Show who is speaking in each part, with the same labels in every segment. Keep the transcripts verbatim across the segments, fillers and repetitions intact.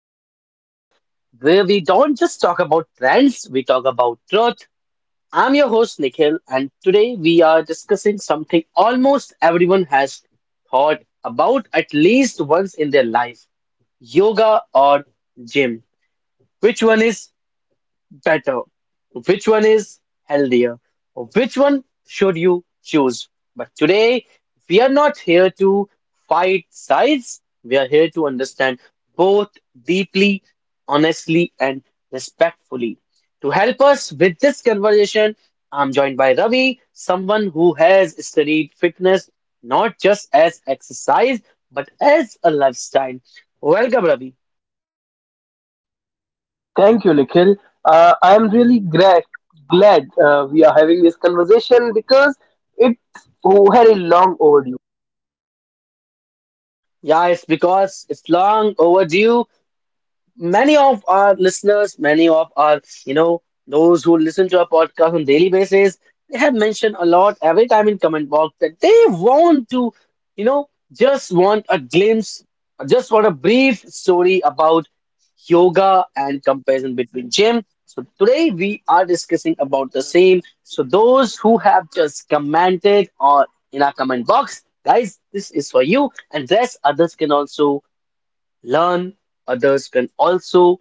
Speaker 1: our podcast where we don't just talk about trends, we talk about truth. I'm your host, Nikhil, and today we are discussing something almost everyone has thought about at least once in their life: yoga or gym. Which one is better? Which one is healthier? Or which one should you choose? But today, we are not here to fight sides. We are here to understand both deeply, honestly, and respectfully. To help us with this conversation, I'm joined by Ravi, someone who has studied fitness not just as exercise but as a lifestyle. Welcome, Ravi.
Speaker 2: Thank you, Nikhil. Uh, I am really glad glad uh, we are having this conversation because it's very long overdue.
Speaker 1: Yeah, it's because it's long overdue. Many of our listeners, many of our, you know, those who listen to our podcast on daily basis, they have mentioned a lot every time in comment box that they want to, you know, just want a glimpse, just want a brief story about yoga and comparison between gym. So today we are discussing about the same. So those who have just commented or in our comment box, guys, this is for you, and thus others can also learn, others can also,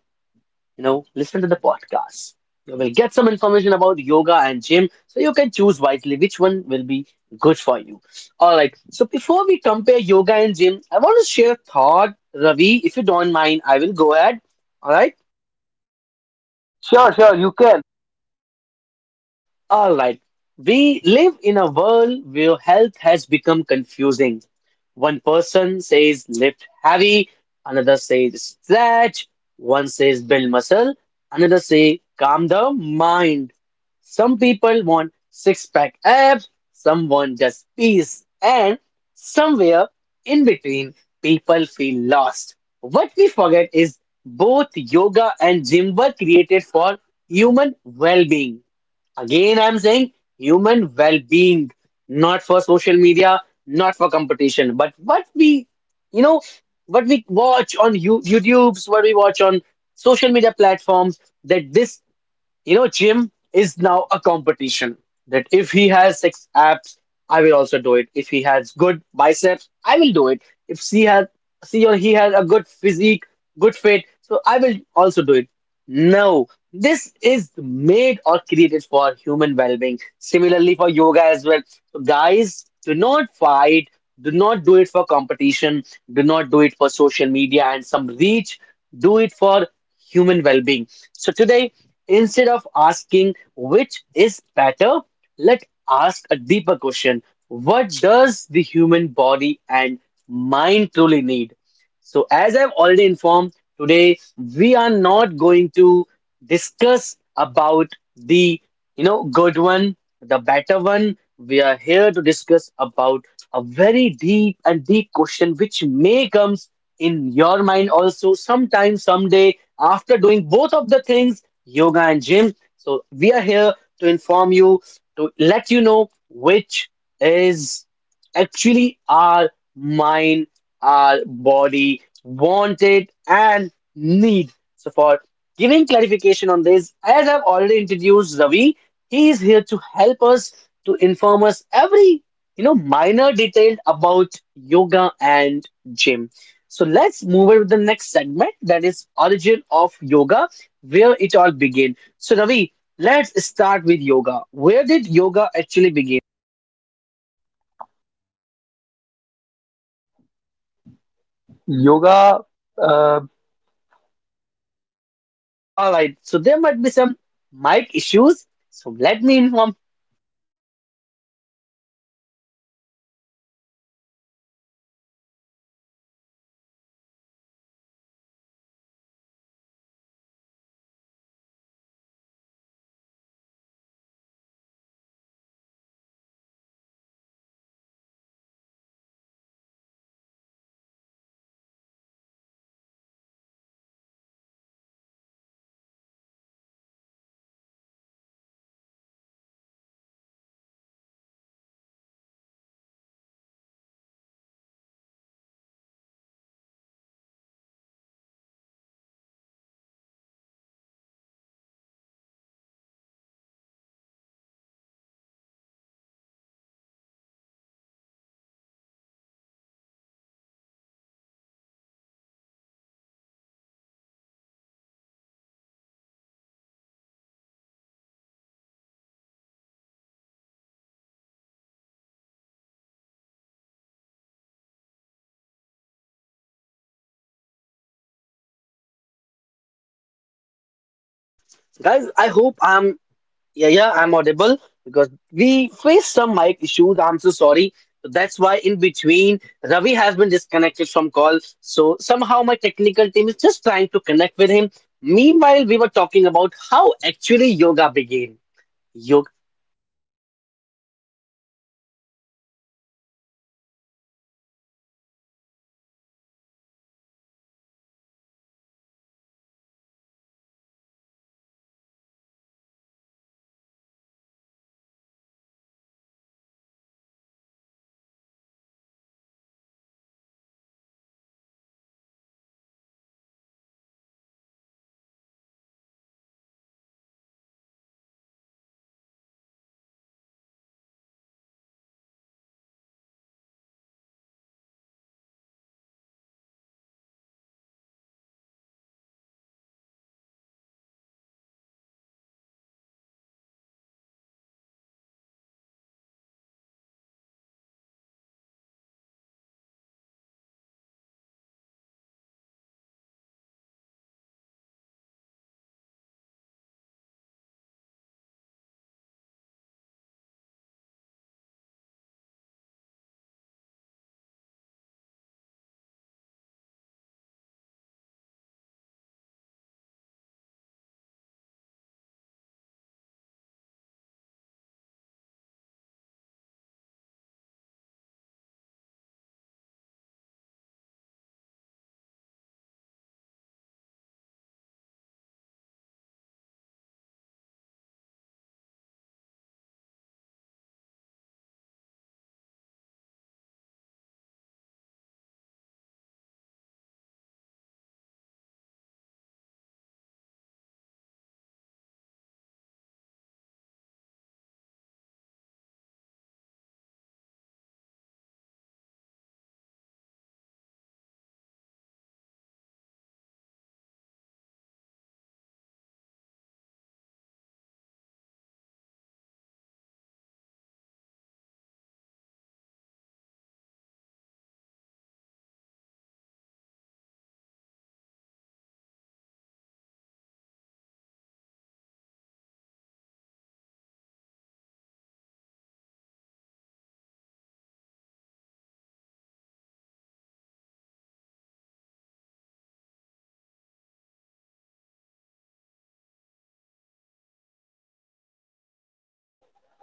Speaker 1: you know, listen to the podcast. You will get some information about yoga and gym, so you can choose wisely which one will be good for you. All right. So before we compare yoga and gym, I want to share a thought, Ravi. If you don't mind, I will go ahead. All right.
Speaker 2: Sure, sure, you can.
Speaker 1: All right. We live in a world where health has become confusing. One person says lift heavy, another says stretch, one says build muscle, another say calm the mind. Some people want six pack abs, some want just peace, and somewhere in between, people feel lost. What we forget is both yoga and gym were created for human well being. Again, I'm saying human well-being, not for social media, not for competition, but what we, you know, what we watch on you YouTube's, what we watch on social media platforms, that this you know, gym is now a competition, that if he has six abs, I will also do it. If he has good biceps, I will do it. If she has, She or he has a good physique, good fit, so I will also do it. No, this is made or created for human well-being. Similarly for yoga as well. So guys, do not fight. Do not do it for competition. Do not do it for social media and some reach. Do it for human well being. So, today, instead of asking which is better, let's ask a deeper question: what does the human body and mind truly need? So, as I've already informed, today we are not going to discuss about the you know good one, the better one. We are here to discuss about a very deep and deep question which may comes in your mind also sometime someday after doing both of the things, yoga and gym. So we are here to inform you, to let you know which is actually our mind, our body wanted and need. So for giving clarification on this, as I've already introduced Ravi, he is here to help us, to inform us every you know minor detail about yoga and gym. So let's move on to the next segment, that is origin of yoga, where it all began. So Ravi, let's start with yoga. Where did yoga actually begin?
Speaker 2: Yoga. uh,
Speaker 1: All right, so there might be some mic issues. So let me inform guys. I hope I'm. Yeah, yeah, I'm audible, because we faced some mic issues. I'm so sorry. So that's why in between Ravi has been disconnected from call. So somehow my technical team is just trying to connect with him. Meanwhile, we were talking about how actually yoga began. Yoga,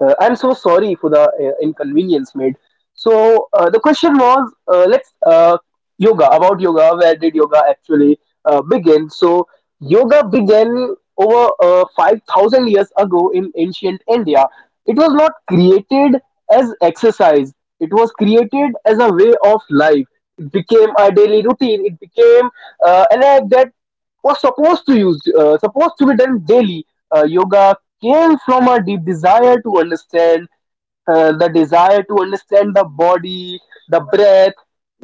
Speaker 2: Uh, I'm so sorry for the uh, inconvenience made. So uh, the question was, uh, let's uh, yoga about yoga. Where did yoga actually uh, begin? So yoga began over uh, five thousand years ago in ancient India. It was not created as exercise. It was created as a way of life. It became a daily routine. It became uh, an act that was supposed to use uh, supposed to be done daily. Uh, yoga came from a deep desire to understand, uh, the desire to understand the body, the breath,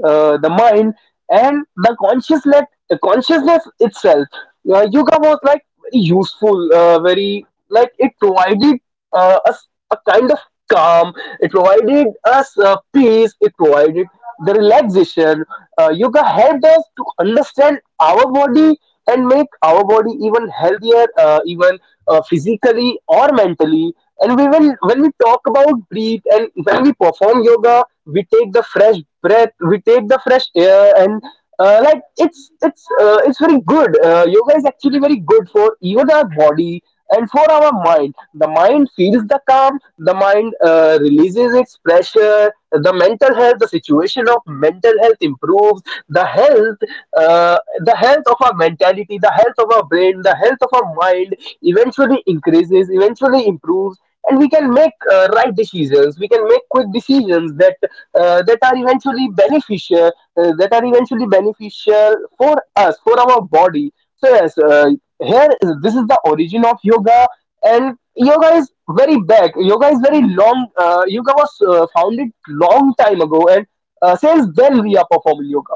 Speaker 2: uh, the mind, and the consciousness, the consciousness itself. Uh, yoga was like very useful, uh, very like it provided uh, us a kind of calm. It provided us uh, peace. It provided the relaxation. Uh, yoga helped us to understand our body and make our body even healthier, uh, even uh, physically or mentally. And we will, when we talk about breathe and when we perform yoga, we take the fresh breath, we take the fresh air, and uh, like it's it's uh, it's very good. Uh, yoga is actually very good for even our body and for our mind. The mind feels the calm, the mind uh, releases its pressure, the mental health, the situation of mental health improves. The health, uh, the health of our mentality, the health of our brain, the health of our mind eventually increases, eventually improves, and we can make uh, right decisions, we can make quick decisions that uh, that are eventually beneficial, uh, that are eventually beneficial for us, for our body. So yes, uh, here, this is the origin of yoga. And yoga is very back, yoga is very long, uh, yoga was uh, founded long time ago, and uh, since then we are performing yoga.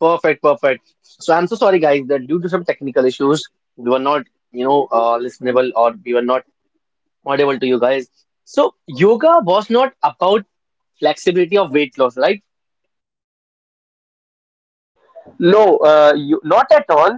Speaker 1: perfect, perfect. So I'm so sorry, guys, that due to some technical issues, we were not, you know, uh, listenable, or we were not audible to you guys. So yoga was not about flexibility of weight loss, right?
Speaker 2: No, uh, you, not at all.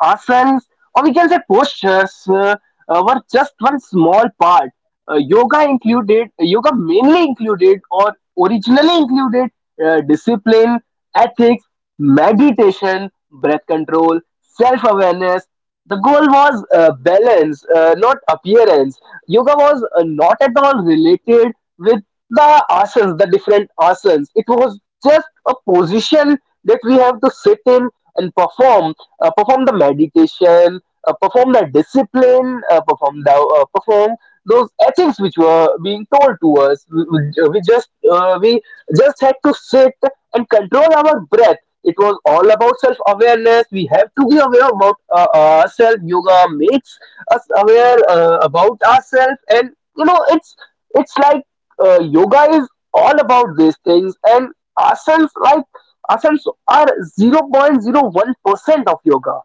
Speaker 2: Asanas, or we can say postures, uh, uh, were just one small part. Uh, yoga included, yoga mainly included, or originally included, uh, discipline, ethics, meditation, breath control, self awareness. The goal was uh, balance, uh, not appearance. Yoga was uh, not at all related with the asans, the different asans. It was just a position that we have to sit in and perform, uh, perform the meditation, uh, perform the discipline, uh, perform the uh, perform those ethics which were being told to us. We, we uh, we just uh, we just had to sit and control our breath. It was all about self-awareness. We have to be aware about uh, ourselves. Yoga makes us aware uh, about ourselves, and you know it's it's like uh, yoga is all about these things, and asanas, like asanas are zero point zero one percent of yoga.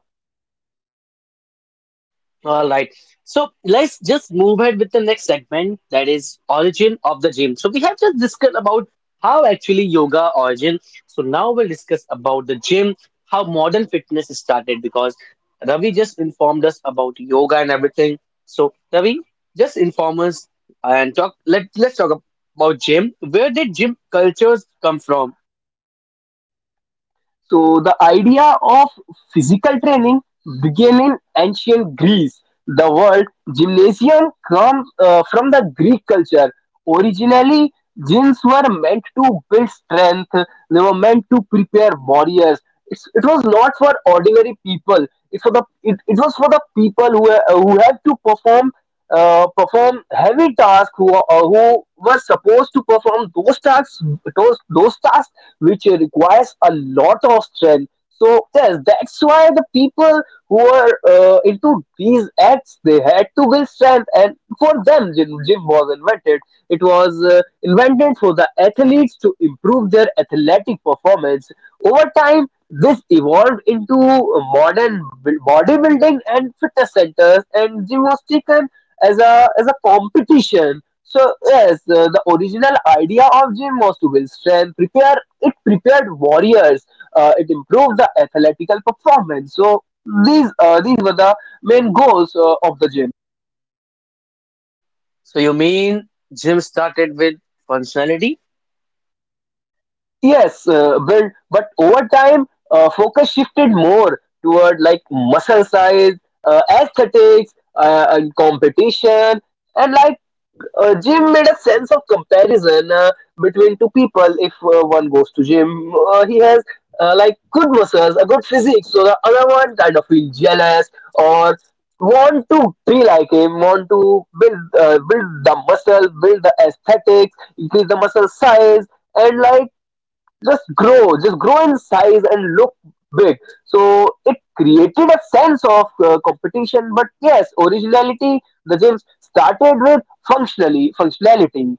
Speaker 1: All right. So let's just move ahead with the next segment, that is origin of the gym. So we have just discussed about how actually yoga origin. So now we'll discuss about the gym, how modern fitness started, because Ravi just informed us about yoga and everything. So Ravi, just inform us and talk let let's talk about gym. Where did gym cultures come from?
Speaker 2: So the idea of physical training began in ancient Greece. The word gymnasium comes uh, from the Greek culture. Originally gyms were meant to build strength, they were meant to prepare warriors. It's, it was not for ordinary people, it for the it, it was for the people who were- who had to perform, uh, perform heavy tasks, who uh, who were supposed to perform those tasks, those those tasks which requires a lot of strength. So yes, that's why the people who are uh, into these acts, they had to build strength, and for them gym, gym was invented. It was uh, invented for the athletes to improve their athletic performance. Over time this evolved into modern bu- bodybuilding and fitness centers, and gymnastics as a as a competition. So yes, uh, the original idea of gym was to build strength, prepare, it prepared warriors, uh, it improved the athletical performance. So these, uh, these were the main goals uh, of the gym.
Speaker 1: So you mean gym started with functionality?
Speaker 2: Yes, uh, build, but over time, uh, focus shifted more toward like muscle size, uh, aesthetics, uh, and competition, and like uh, gym made a sense of comparison uh, between two people. If uh, one goes to gym, uh, he has uh, like good muscles, a good physique, so the other one kind of feel jealous or want to be like him, want to build uh, build the muscle, build the aesthetics, increase the muscle size, and like just grow, just grow in size and look big. So it created a sense of uh, competition, but yes, originality. The gyms started with functionally functionality.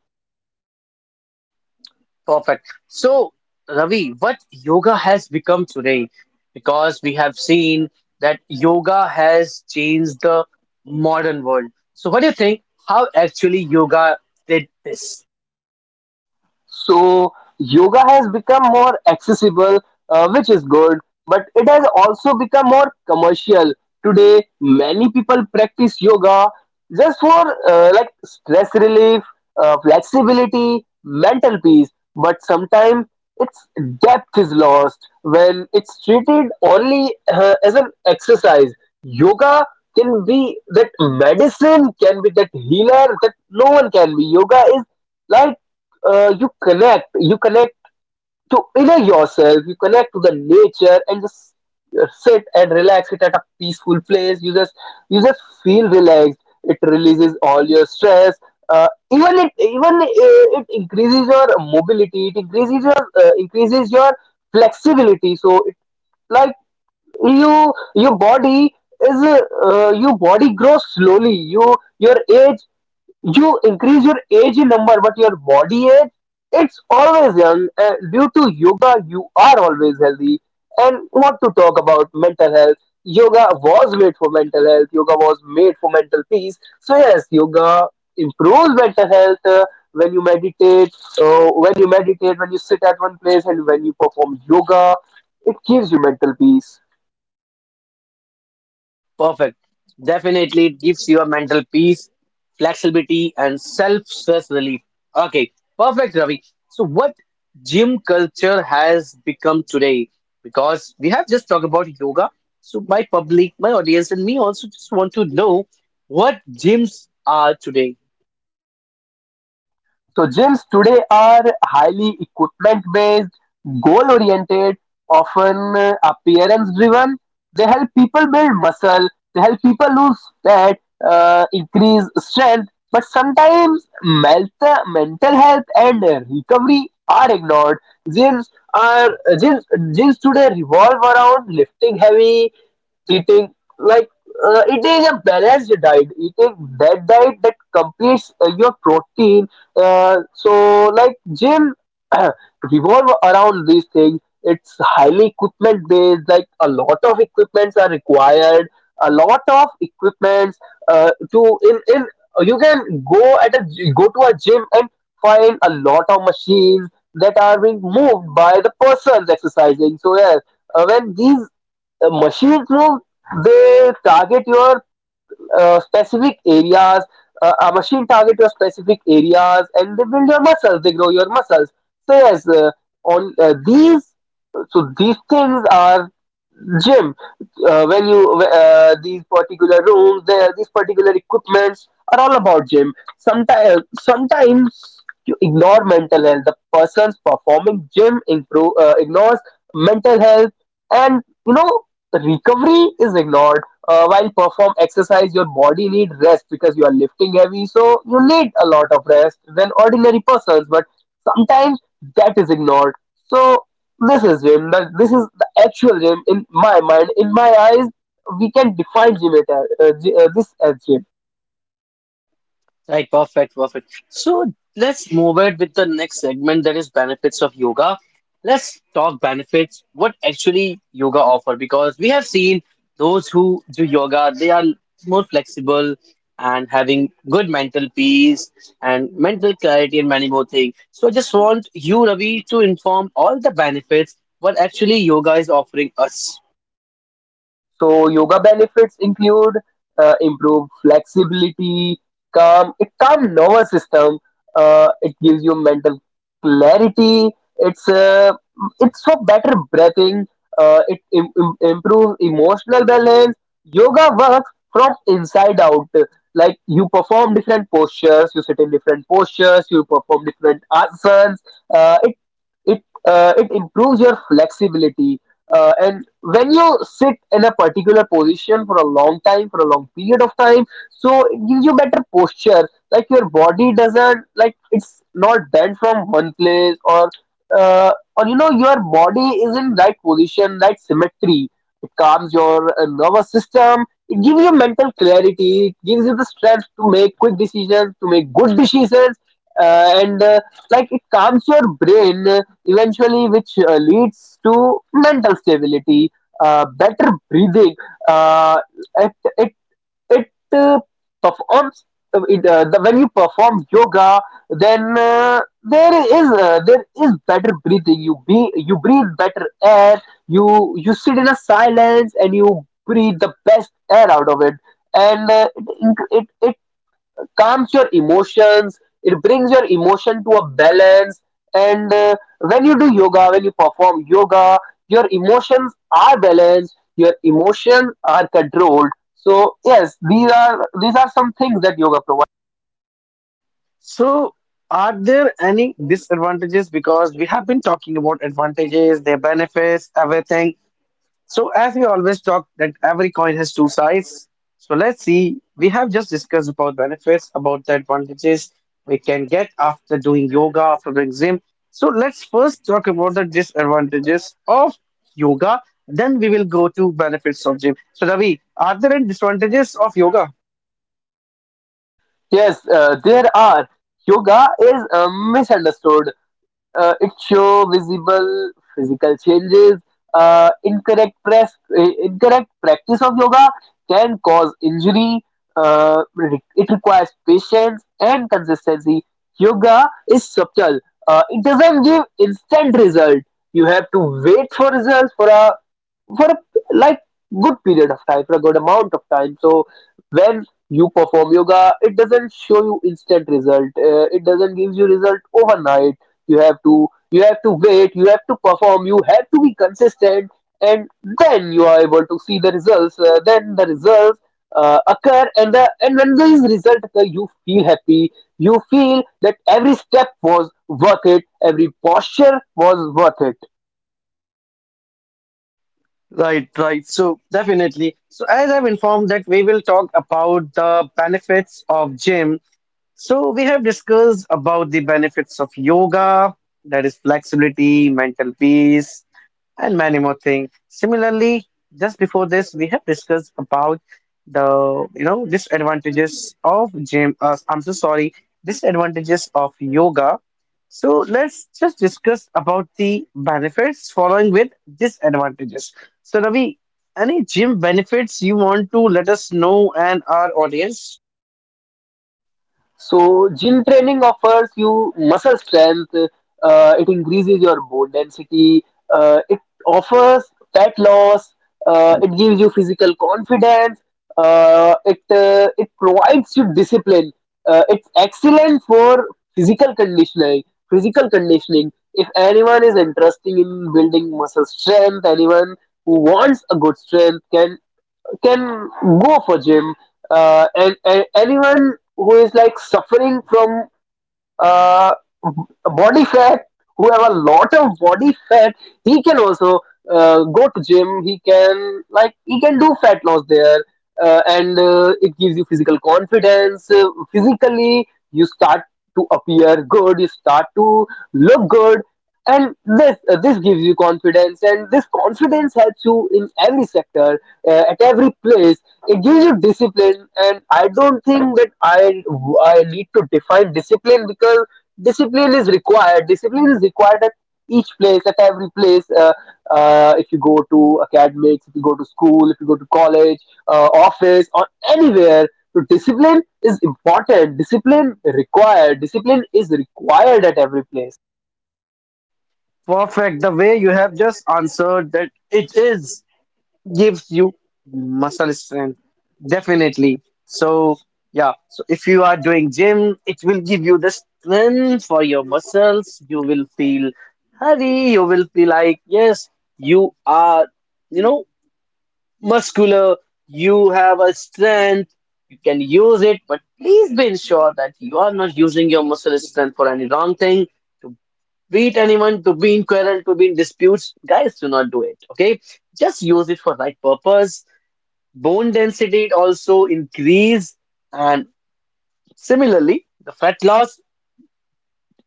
Speaker 1: Perfect. So, Ravi, what yoga has become today? Because we have seen that yoga has changed the modern world. So, what do you think? How actually yoga did this?
Speaker 2: So yoga has become more accessible, uh, which is good, but it has also become more commercial. Today, many people practice yoga just for uh, like stress relief, uh, flexibility, mental peace. But sometimes its depth is lost when it's treated only uh, as an exercise. Yoga can be that medicine, can be that healer that no one can be. Yoga is like uh, you connect, you connect to inner yourself, you connect to the nature, and just uh, sit and relax it at a peaceful place. You just, you just feel relaxed, it releases all your stress. Uh, even it even uh, it increases your mobility, it increases your uh, increases your flexibility. So it, like, you, your body is uh, uh, your body grows slowly. You, your age, you increase your age in number, but your body age, it's always young. Uh, due to yoga, you are always healthy. And what to talk about mental health? Yoga was made for mental health. Yoga was made for mental peace. So yes, yoga improves mental health uh, when you meditate. So when you meditate, when you sit at one place, and when you perform yoga, it gives you mental peace.
Speaker 1: Perfect. Definitely it gives you a mental peace, flexibility, and self-stress relief. Okay, perfect, Ravi. So what gym culture has become today? Because we have just talked about yoga. So my public, my audience, and me also just want to know what gyms are today.
Speaker 2: So gyms today are highly equipment based, goal oriented, often uh, appearance driven. They help people build muscle, they help people lose fat, uh, increase strength, but sometimes mental, mental health and uh, recovery are ignored. Gyms are gyms, gyms today revolve around lifting heavy, eating like uh, eating a balanced diet, eating that diet that completes uh, your protein. Uh, so like gym revolve around these things. It's highly equipment based, like a lot of equipments are required, a lot of equipments uh, to in in you can go at a, go to a gym, and find a lot of machines that are being moved by the persons exercising. So yeah, uh, when these uh, machines move, they target your uh, specific areas, uh, a machine target your specific areas, and they build your muscles, they grow your muscles. So yes, uh, on uh, these, so these things are gym. Uh, when you uh, these particular rooms, uh, these particular equipments are all about gym. Sometimes sometimes you ignore mental health, the person's performing gym improve, uh, ignores mental health, and you know recovery is ignored. Uh, while perform exercise, your body need rest, because you are lifting heavy, so you need a lot of rest than ordinary persons, but sometimes that is ignored. So this is gym, that this is actual gym in my mind, in my eyes. We can define gym at, uh, G- uh, this as gym.
Speaker 1: Right, perfect, perfect. So let's move it with the next segment, that is benefits of yoga. Let's talk benefits, what actually yoga offer, because we have seen those who do yoga, they are more flexible and having good mental peace and mental clarity and many more things. So I just want you, Ravi, to inform all the benefits what actually yoga is offering us.
Speaker 2: So yoga benefits include uh, improved flexibility, calm, it calm nervous system. Uh, it gives you mental clarity. It's uh, it's for better breathing. Uh, it Im- im- improves emotional balance. Yoga works from inside out. Like you perform different postures, you sit in different postures, you perform different asanas. Uh, it it uh, it improves your flexibility, uh, and when you sit in a particular position for a long time, for a long period of time, so it gives you better posture. Like your body doesn't, like it's not bent from one place, or uh, or you know your body is in right position, right symmetry. It calms your uh, nervous system. It gives you mental clarity. It gives you the strength to make quick decisions, to make good decisions, uh, and uh, like it calms your brain uh, eventually, which uh, leads to mental stability, uh, better breathing. Uh, it, it it uh, performs uh, it, uh, the, When you perform yoga, then uh, there is uh, there is better breathing. You be, you breathe better air, you you sit in a silence and you breathe the best air out of it. And uh, it, inc- it calms your emotions, it brings your emotion to a balance. And uh, when you do yoga, when you perform yoga, your emotions are balanced, your emotions are controlled. So yes, these are these are some things that yoga provides.
Speaker 1: So, are there any disadvantages? Because we have been talking about advantages, their benefits, everything. So, as we always talk, that every coin has two sides. So, let's see. We have just discussed about benefits, about the advantages we can get after doing yoga, after doing gym. So, let's first talk about the disadvantages of yoga. Then we will go to benefits of gym. So, Ravi, are there any disadvantages of yoga?
Speaker 2: Yes, uh, there are. Yoga is uh, misunderstood, uh, it show visible physical changes. Uh, incorrect press, uh, incorrect practice of yoga can cause injury. Uh, re- it requires patience and consistency. Yoga is subtle. Uh, it doesn't give instant result. You have to wait for results for a for a like good period of time, for a good amount of time. So when you perform yoga, it doesn't show you instant result. Uh, it doesn't give you result overnight. you have to you have to wait, you have to perform, you have to be consistent, and then you are able to see the results uh, then the results uh, occur. And the and when these results occur, you feel happy. You feel that every step was worth it, every posture was worth it.
Speaker 1: Right, right. So definitely. So as I've informed that we will talk about the benefits of gym. So we have discussed about the benefits of yoga, that is flexibility, mental peace, and many more things. Similarly, just before this, we have discussed about the you know disadvantages of gym. Uh, I'm so sorry, disadvantages of yoga. So let's just discuss about the benefits following with disadvantages. So Ravi, any gym benefits you want to let us know and our audience?
Speaker 2: So gym training offers you muscle strength, uh, it increases your bone density, uh, it offers fat loss, uh, it gives you physical confidence, uh, it uh, it provides you discipline. Uh, it's excellent for physical conditioning. Physical conditioning. If anyone is interested in building muscle strength, anyone who wants a good strength can can go for gym. Uh, and, and anyone who is like suffering from uh, b- body fat, who have a lot of body fat, he can also uh, go to gym. He can like he can do fat loss there. Uh, and uh, it gives you physical confidence. Uh, physically you start to appear good, you start to look good, and this uh, this gives you confidence, and this confidence helps you in every sector, uh, at every place. It gives you discipline, and I don't think that i i need to define discipline, because discipline is required. Discipline is required at each place, at every place uh, uh, If you go to academics, if you go to school, if you go to college, uh, office or anywhere, so discipline is important. Discipline required. Discipline is required at every place.
Speaker 1: Perfect. The way you have just answered that it is gives you muscle strength, definitely. So yeah, so if you are doing gym, it will give you the strength for your muscles. You will feel heavy, you will feel like yes, you are, you know muscular, you have a strength, you can use it, but please be sure that you are not using your muscle strength for any wrong thing, to beat anyone, to be in quarrel, to be in disputes. Guys, do not do it. Okay, just use it for right purpose. Bone density also increase, and similarly, the fat loss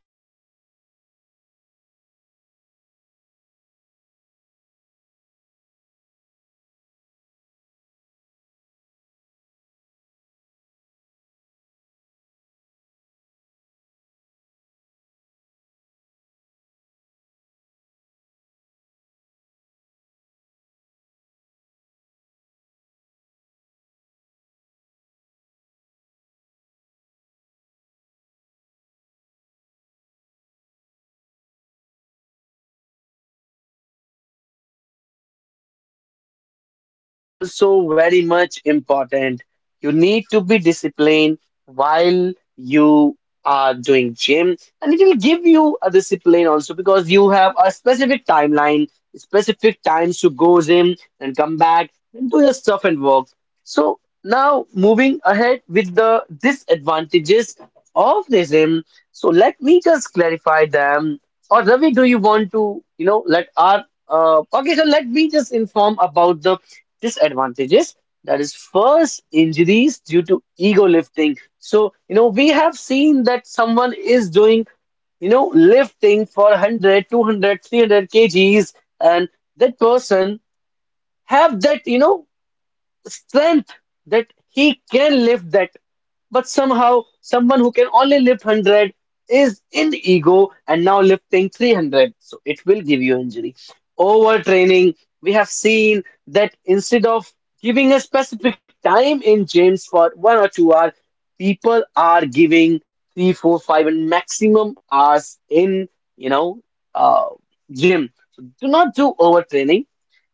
Speaker 1: that we that it is very much important and it is required. Whosoever has a lot of fat, that they can lose the fat by doing gym, doing some exercises there. Moreover, physical confidence. So if you're having good body, good look body, good similar body, so it will give you a good that will assist you and give you the physical confidence. Okay, so please be ensure that always and always do a physical confidence. Okay, and discipline is also very much important. You need to be disciplined while you are doing gym, and it will give you a discipline also because you have a specific timeline, specific times to go gym and come back and do your stuff and work. So now moving ahead with the disadvantages of racism. So let me just clarify them. Or Ravi, do you want to, you know, let our uh, okay, so let me just inform about the disadvantages. That is first injuries due to ego lifting. So, you know, we have seen that someone is doing, you know, lifting for one hundred, two hundred, three hundred kgs, and that person have that, you know, strength that he can lift that, but somehow someone who can only lift one hundred is in ego and now lifting three hundred, so it will give you injury. Overtraining: we have seen that instead of giving a specific time in gyms for one or two hours, people are giving three four five and maximum hours in you know uh, gym. So do not do overtraining.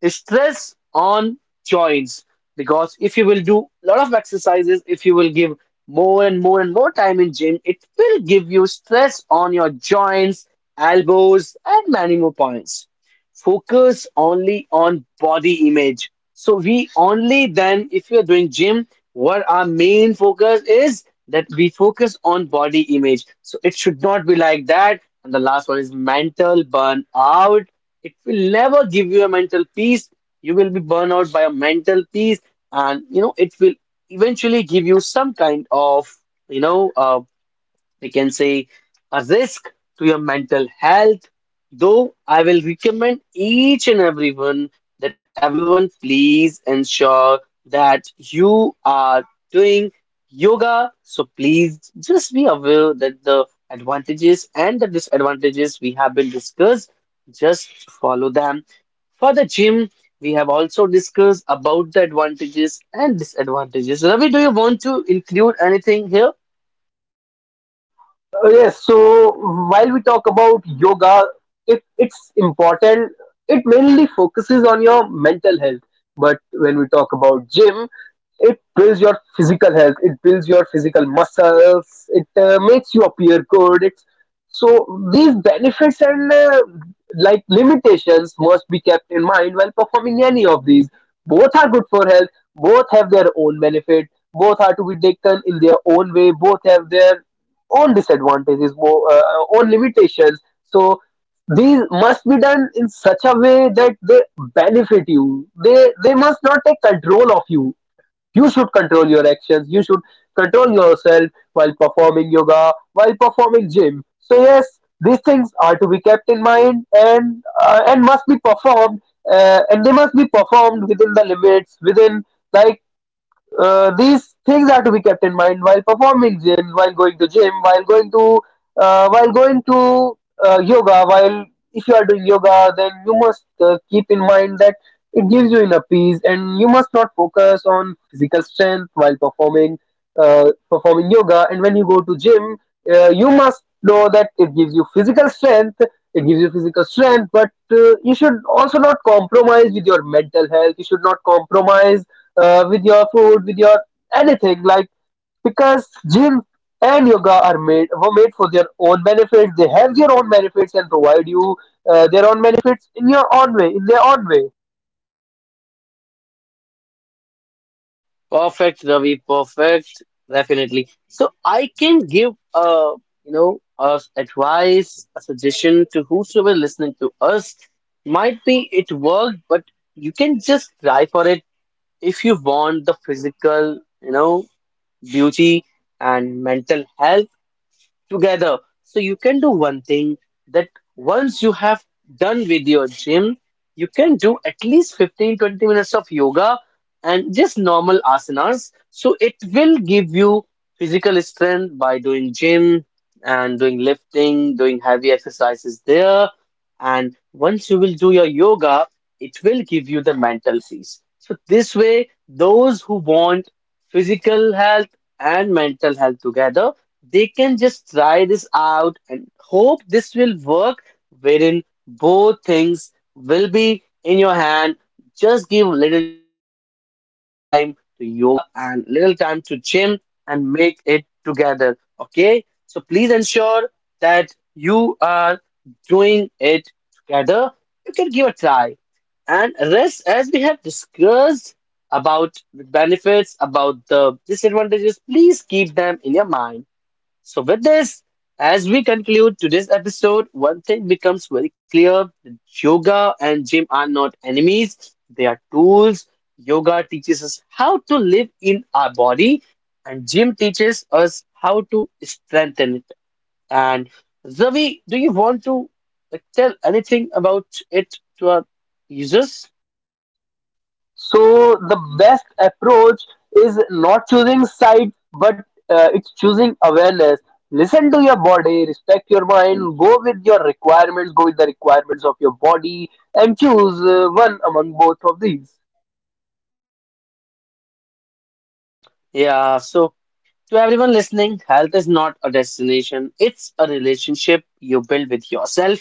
Speaker 1: Stress on joints, because if you will do a lot of exercises, if you will give more and more and more time in gym, it will give you stress on your joints, elbows and many more points. Focus only on body image. So we only then, if we are doing gym, what our main focus is that we focus on body image. So it should not be like that. And the last one is mental burnout. It will never give you a mental peace. You will be burned out by a mental peace, and you know it will eventually give you some kind of, you know uh we can say, a risk to your mental health. Though I will recommend each and everyone that everyone please ensure that you are doing yoga. So please just be aware that the advantages and the disadvantages we have been discussed, just follow them. For the gym, we have also discussed about the advantages and disadvantages. Ravi, do you want to include anything here?
Speaker 2: Uh, Yes, so while we talk about yoga, it, it's important. It mainly focuses on your mental health. But when we talk about gym, it builds your physical health. It builds your physical muscles. It uh, makes you appear good. It's, so these benefits and uh, like limitations must be kept in mind while performing any of these. Both are good for health. Both have their own benefit. Both are to be taken in their own way. Both have their own disadvantages, more uh, own limitations. So these must be done in such a way that they benefit you. They they must not take control of you. You should control your actions. You should control yourself while performing yoga, while performing gym. So yes, these things are to be kept in mind, and uh, and must be performed uh, and they must be performed within the limits, within like uh, these things are to be kept in mind while performing gyms, while going to gym, while going to uh, while going to uh, yoga. While if you are doing yoga, then you must uh, keep in mind that it gives you inner peace, and you must not focus on physical strength while performing uh, performing yoga. And when you go to gym, uh, you must know that it gives you physical strength. It gives you physical strength, but uh, you should also not compromise with your mental health. You should not compromise uh, with your food, with your anything. Like because gym and yoga are made were made for their own benefits. They have their own benefits and provide you uh, their own benefits in your own way, in their own way.
Speaker 1: Perfect, Ravi. Perfect, definitely. So I can give a, you know a advice, a suggestion to whosoever listening to us. Might be it worked, but you can just try for it if you want the physical, you know, beauty and mental health together. So you can do one thing, that once you have done with your gym, you can do at least fifteen, twenty minutes of yoga and just normal asanas. So it will give you physical strength by doing gym and doing lifting, doing heavy exercises there. And once you will do your yoga, it will give you the mental peace. So this way, those who want physical health and mental health together, they can just try this out and hope this will work, wherein both things will be in your hand. Just give little time to yoga and little time to gym and make it together. Okay? So please ensure that you are doing it together. You can give a try. And rest, as we have discussed about the benefits, about the disadvantages, please keep them in your mind. So, with this, as we conclude today's episode, one thing becomes very clear: yoga and gym are not enemies, they are tools. Yoga teaches us how to live in our body, and gym teaches us how to strengthen it. And Ravi, do you want to, like, tell anything about it to our users?
Speaker 2: So the best approach is not choosing side, but uh, it's choosing awareness. Listen to your body, respect your mind, go with your requirements, go with the requirements of your body, and choose uh, one among both of these.
Speaker 1: Yeah, so to everyone listening, health is not a destination, it's a relationship you build with yourself.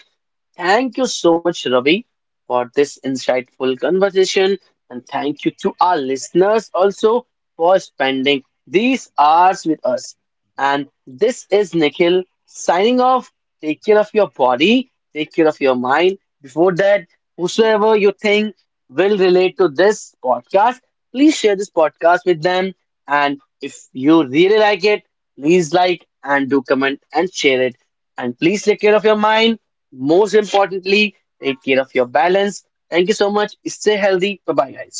Speaker 1: Thank you so much, Ravi, for this insightful conversation. And thank you to our listeners also for spending these hours with us. And this is Nikhil signing off. Take care of your body, take care of your mind. Before that, whosoever you think will relate to this podcast, please share this podcast with them. And if you really like it, please like and do comment and share it. And please take care of your mind. Most importantly, take care of your balance. Thank you so much. Stay healthy. Bye bye, guys.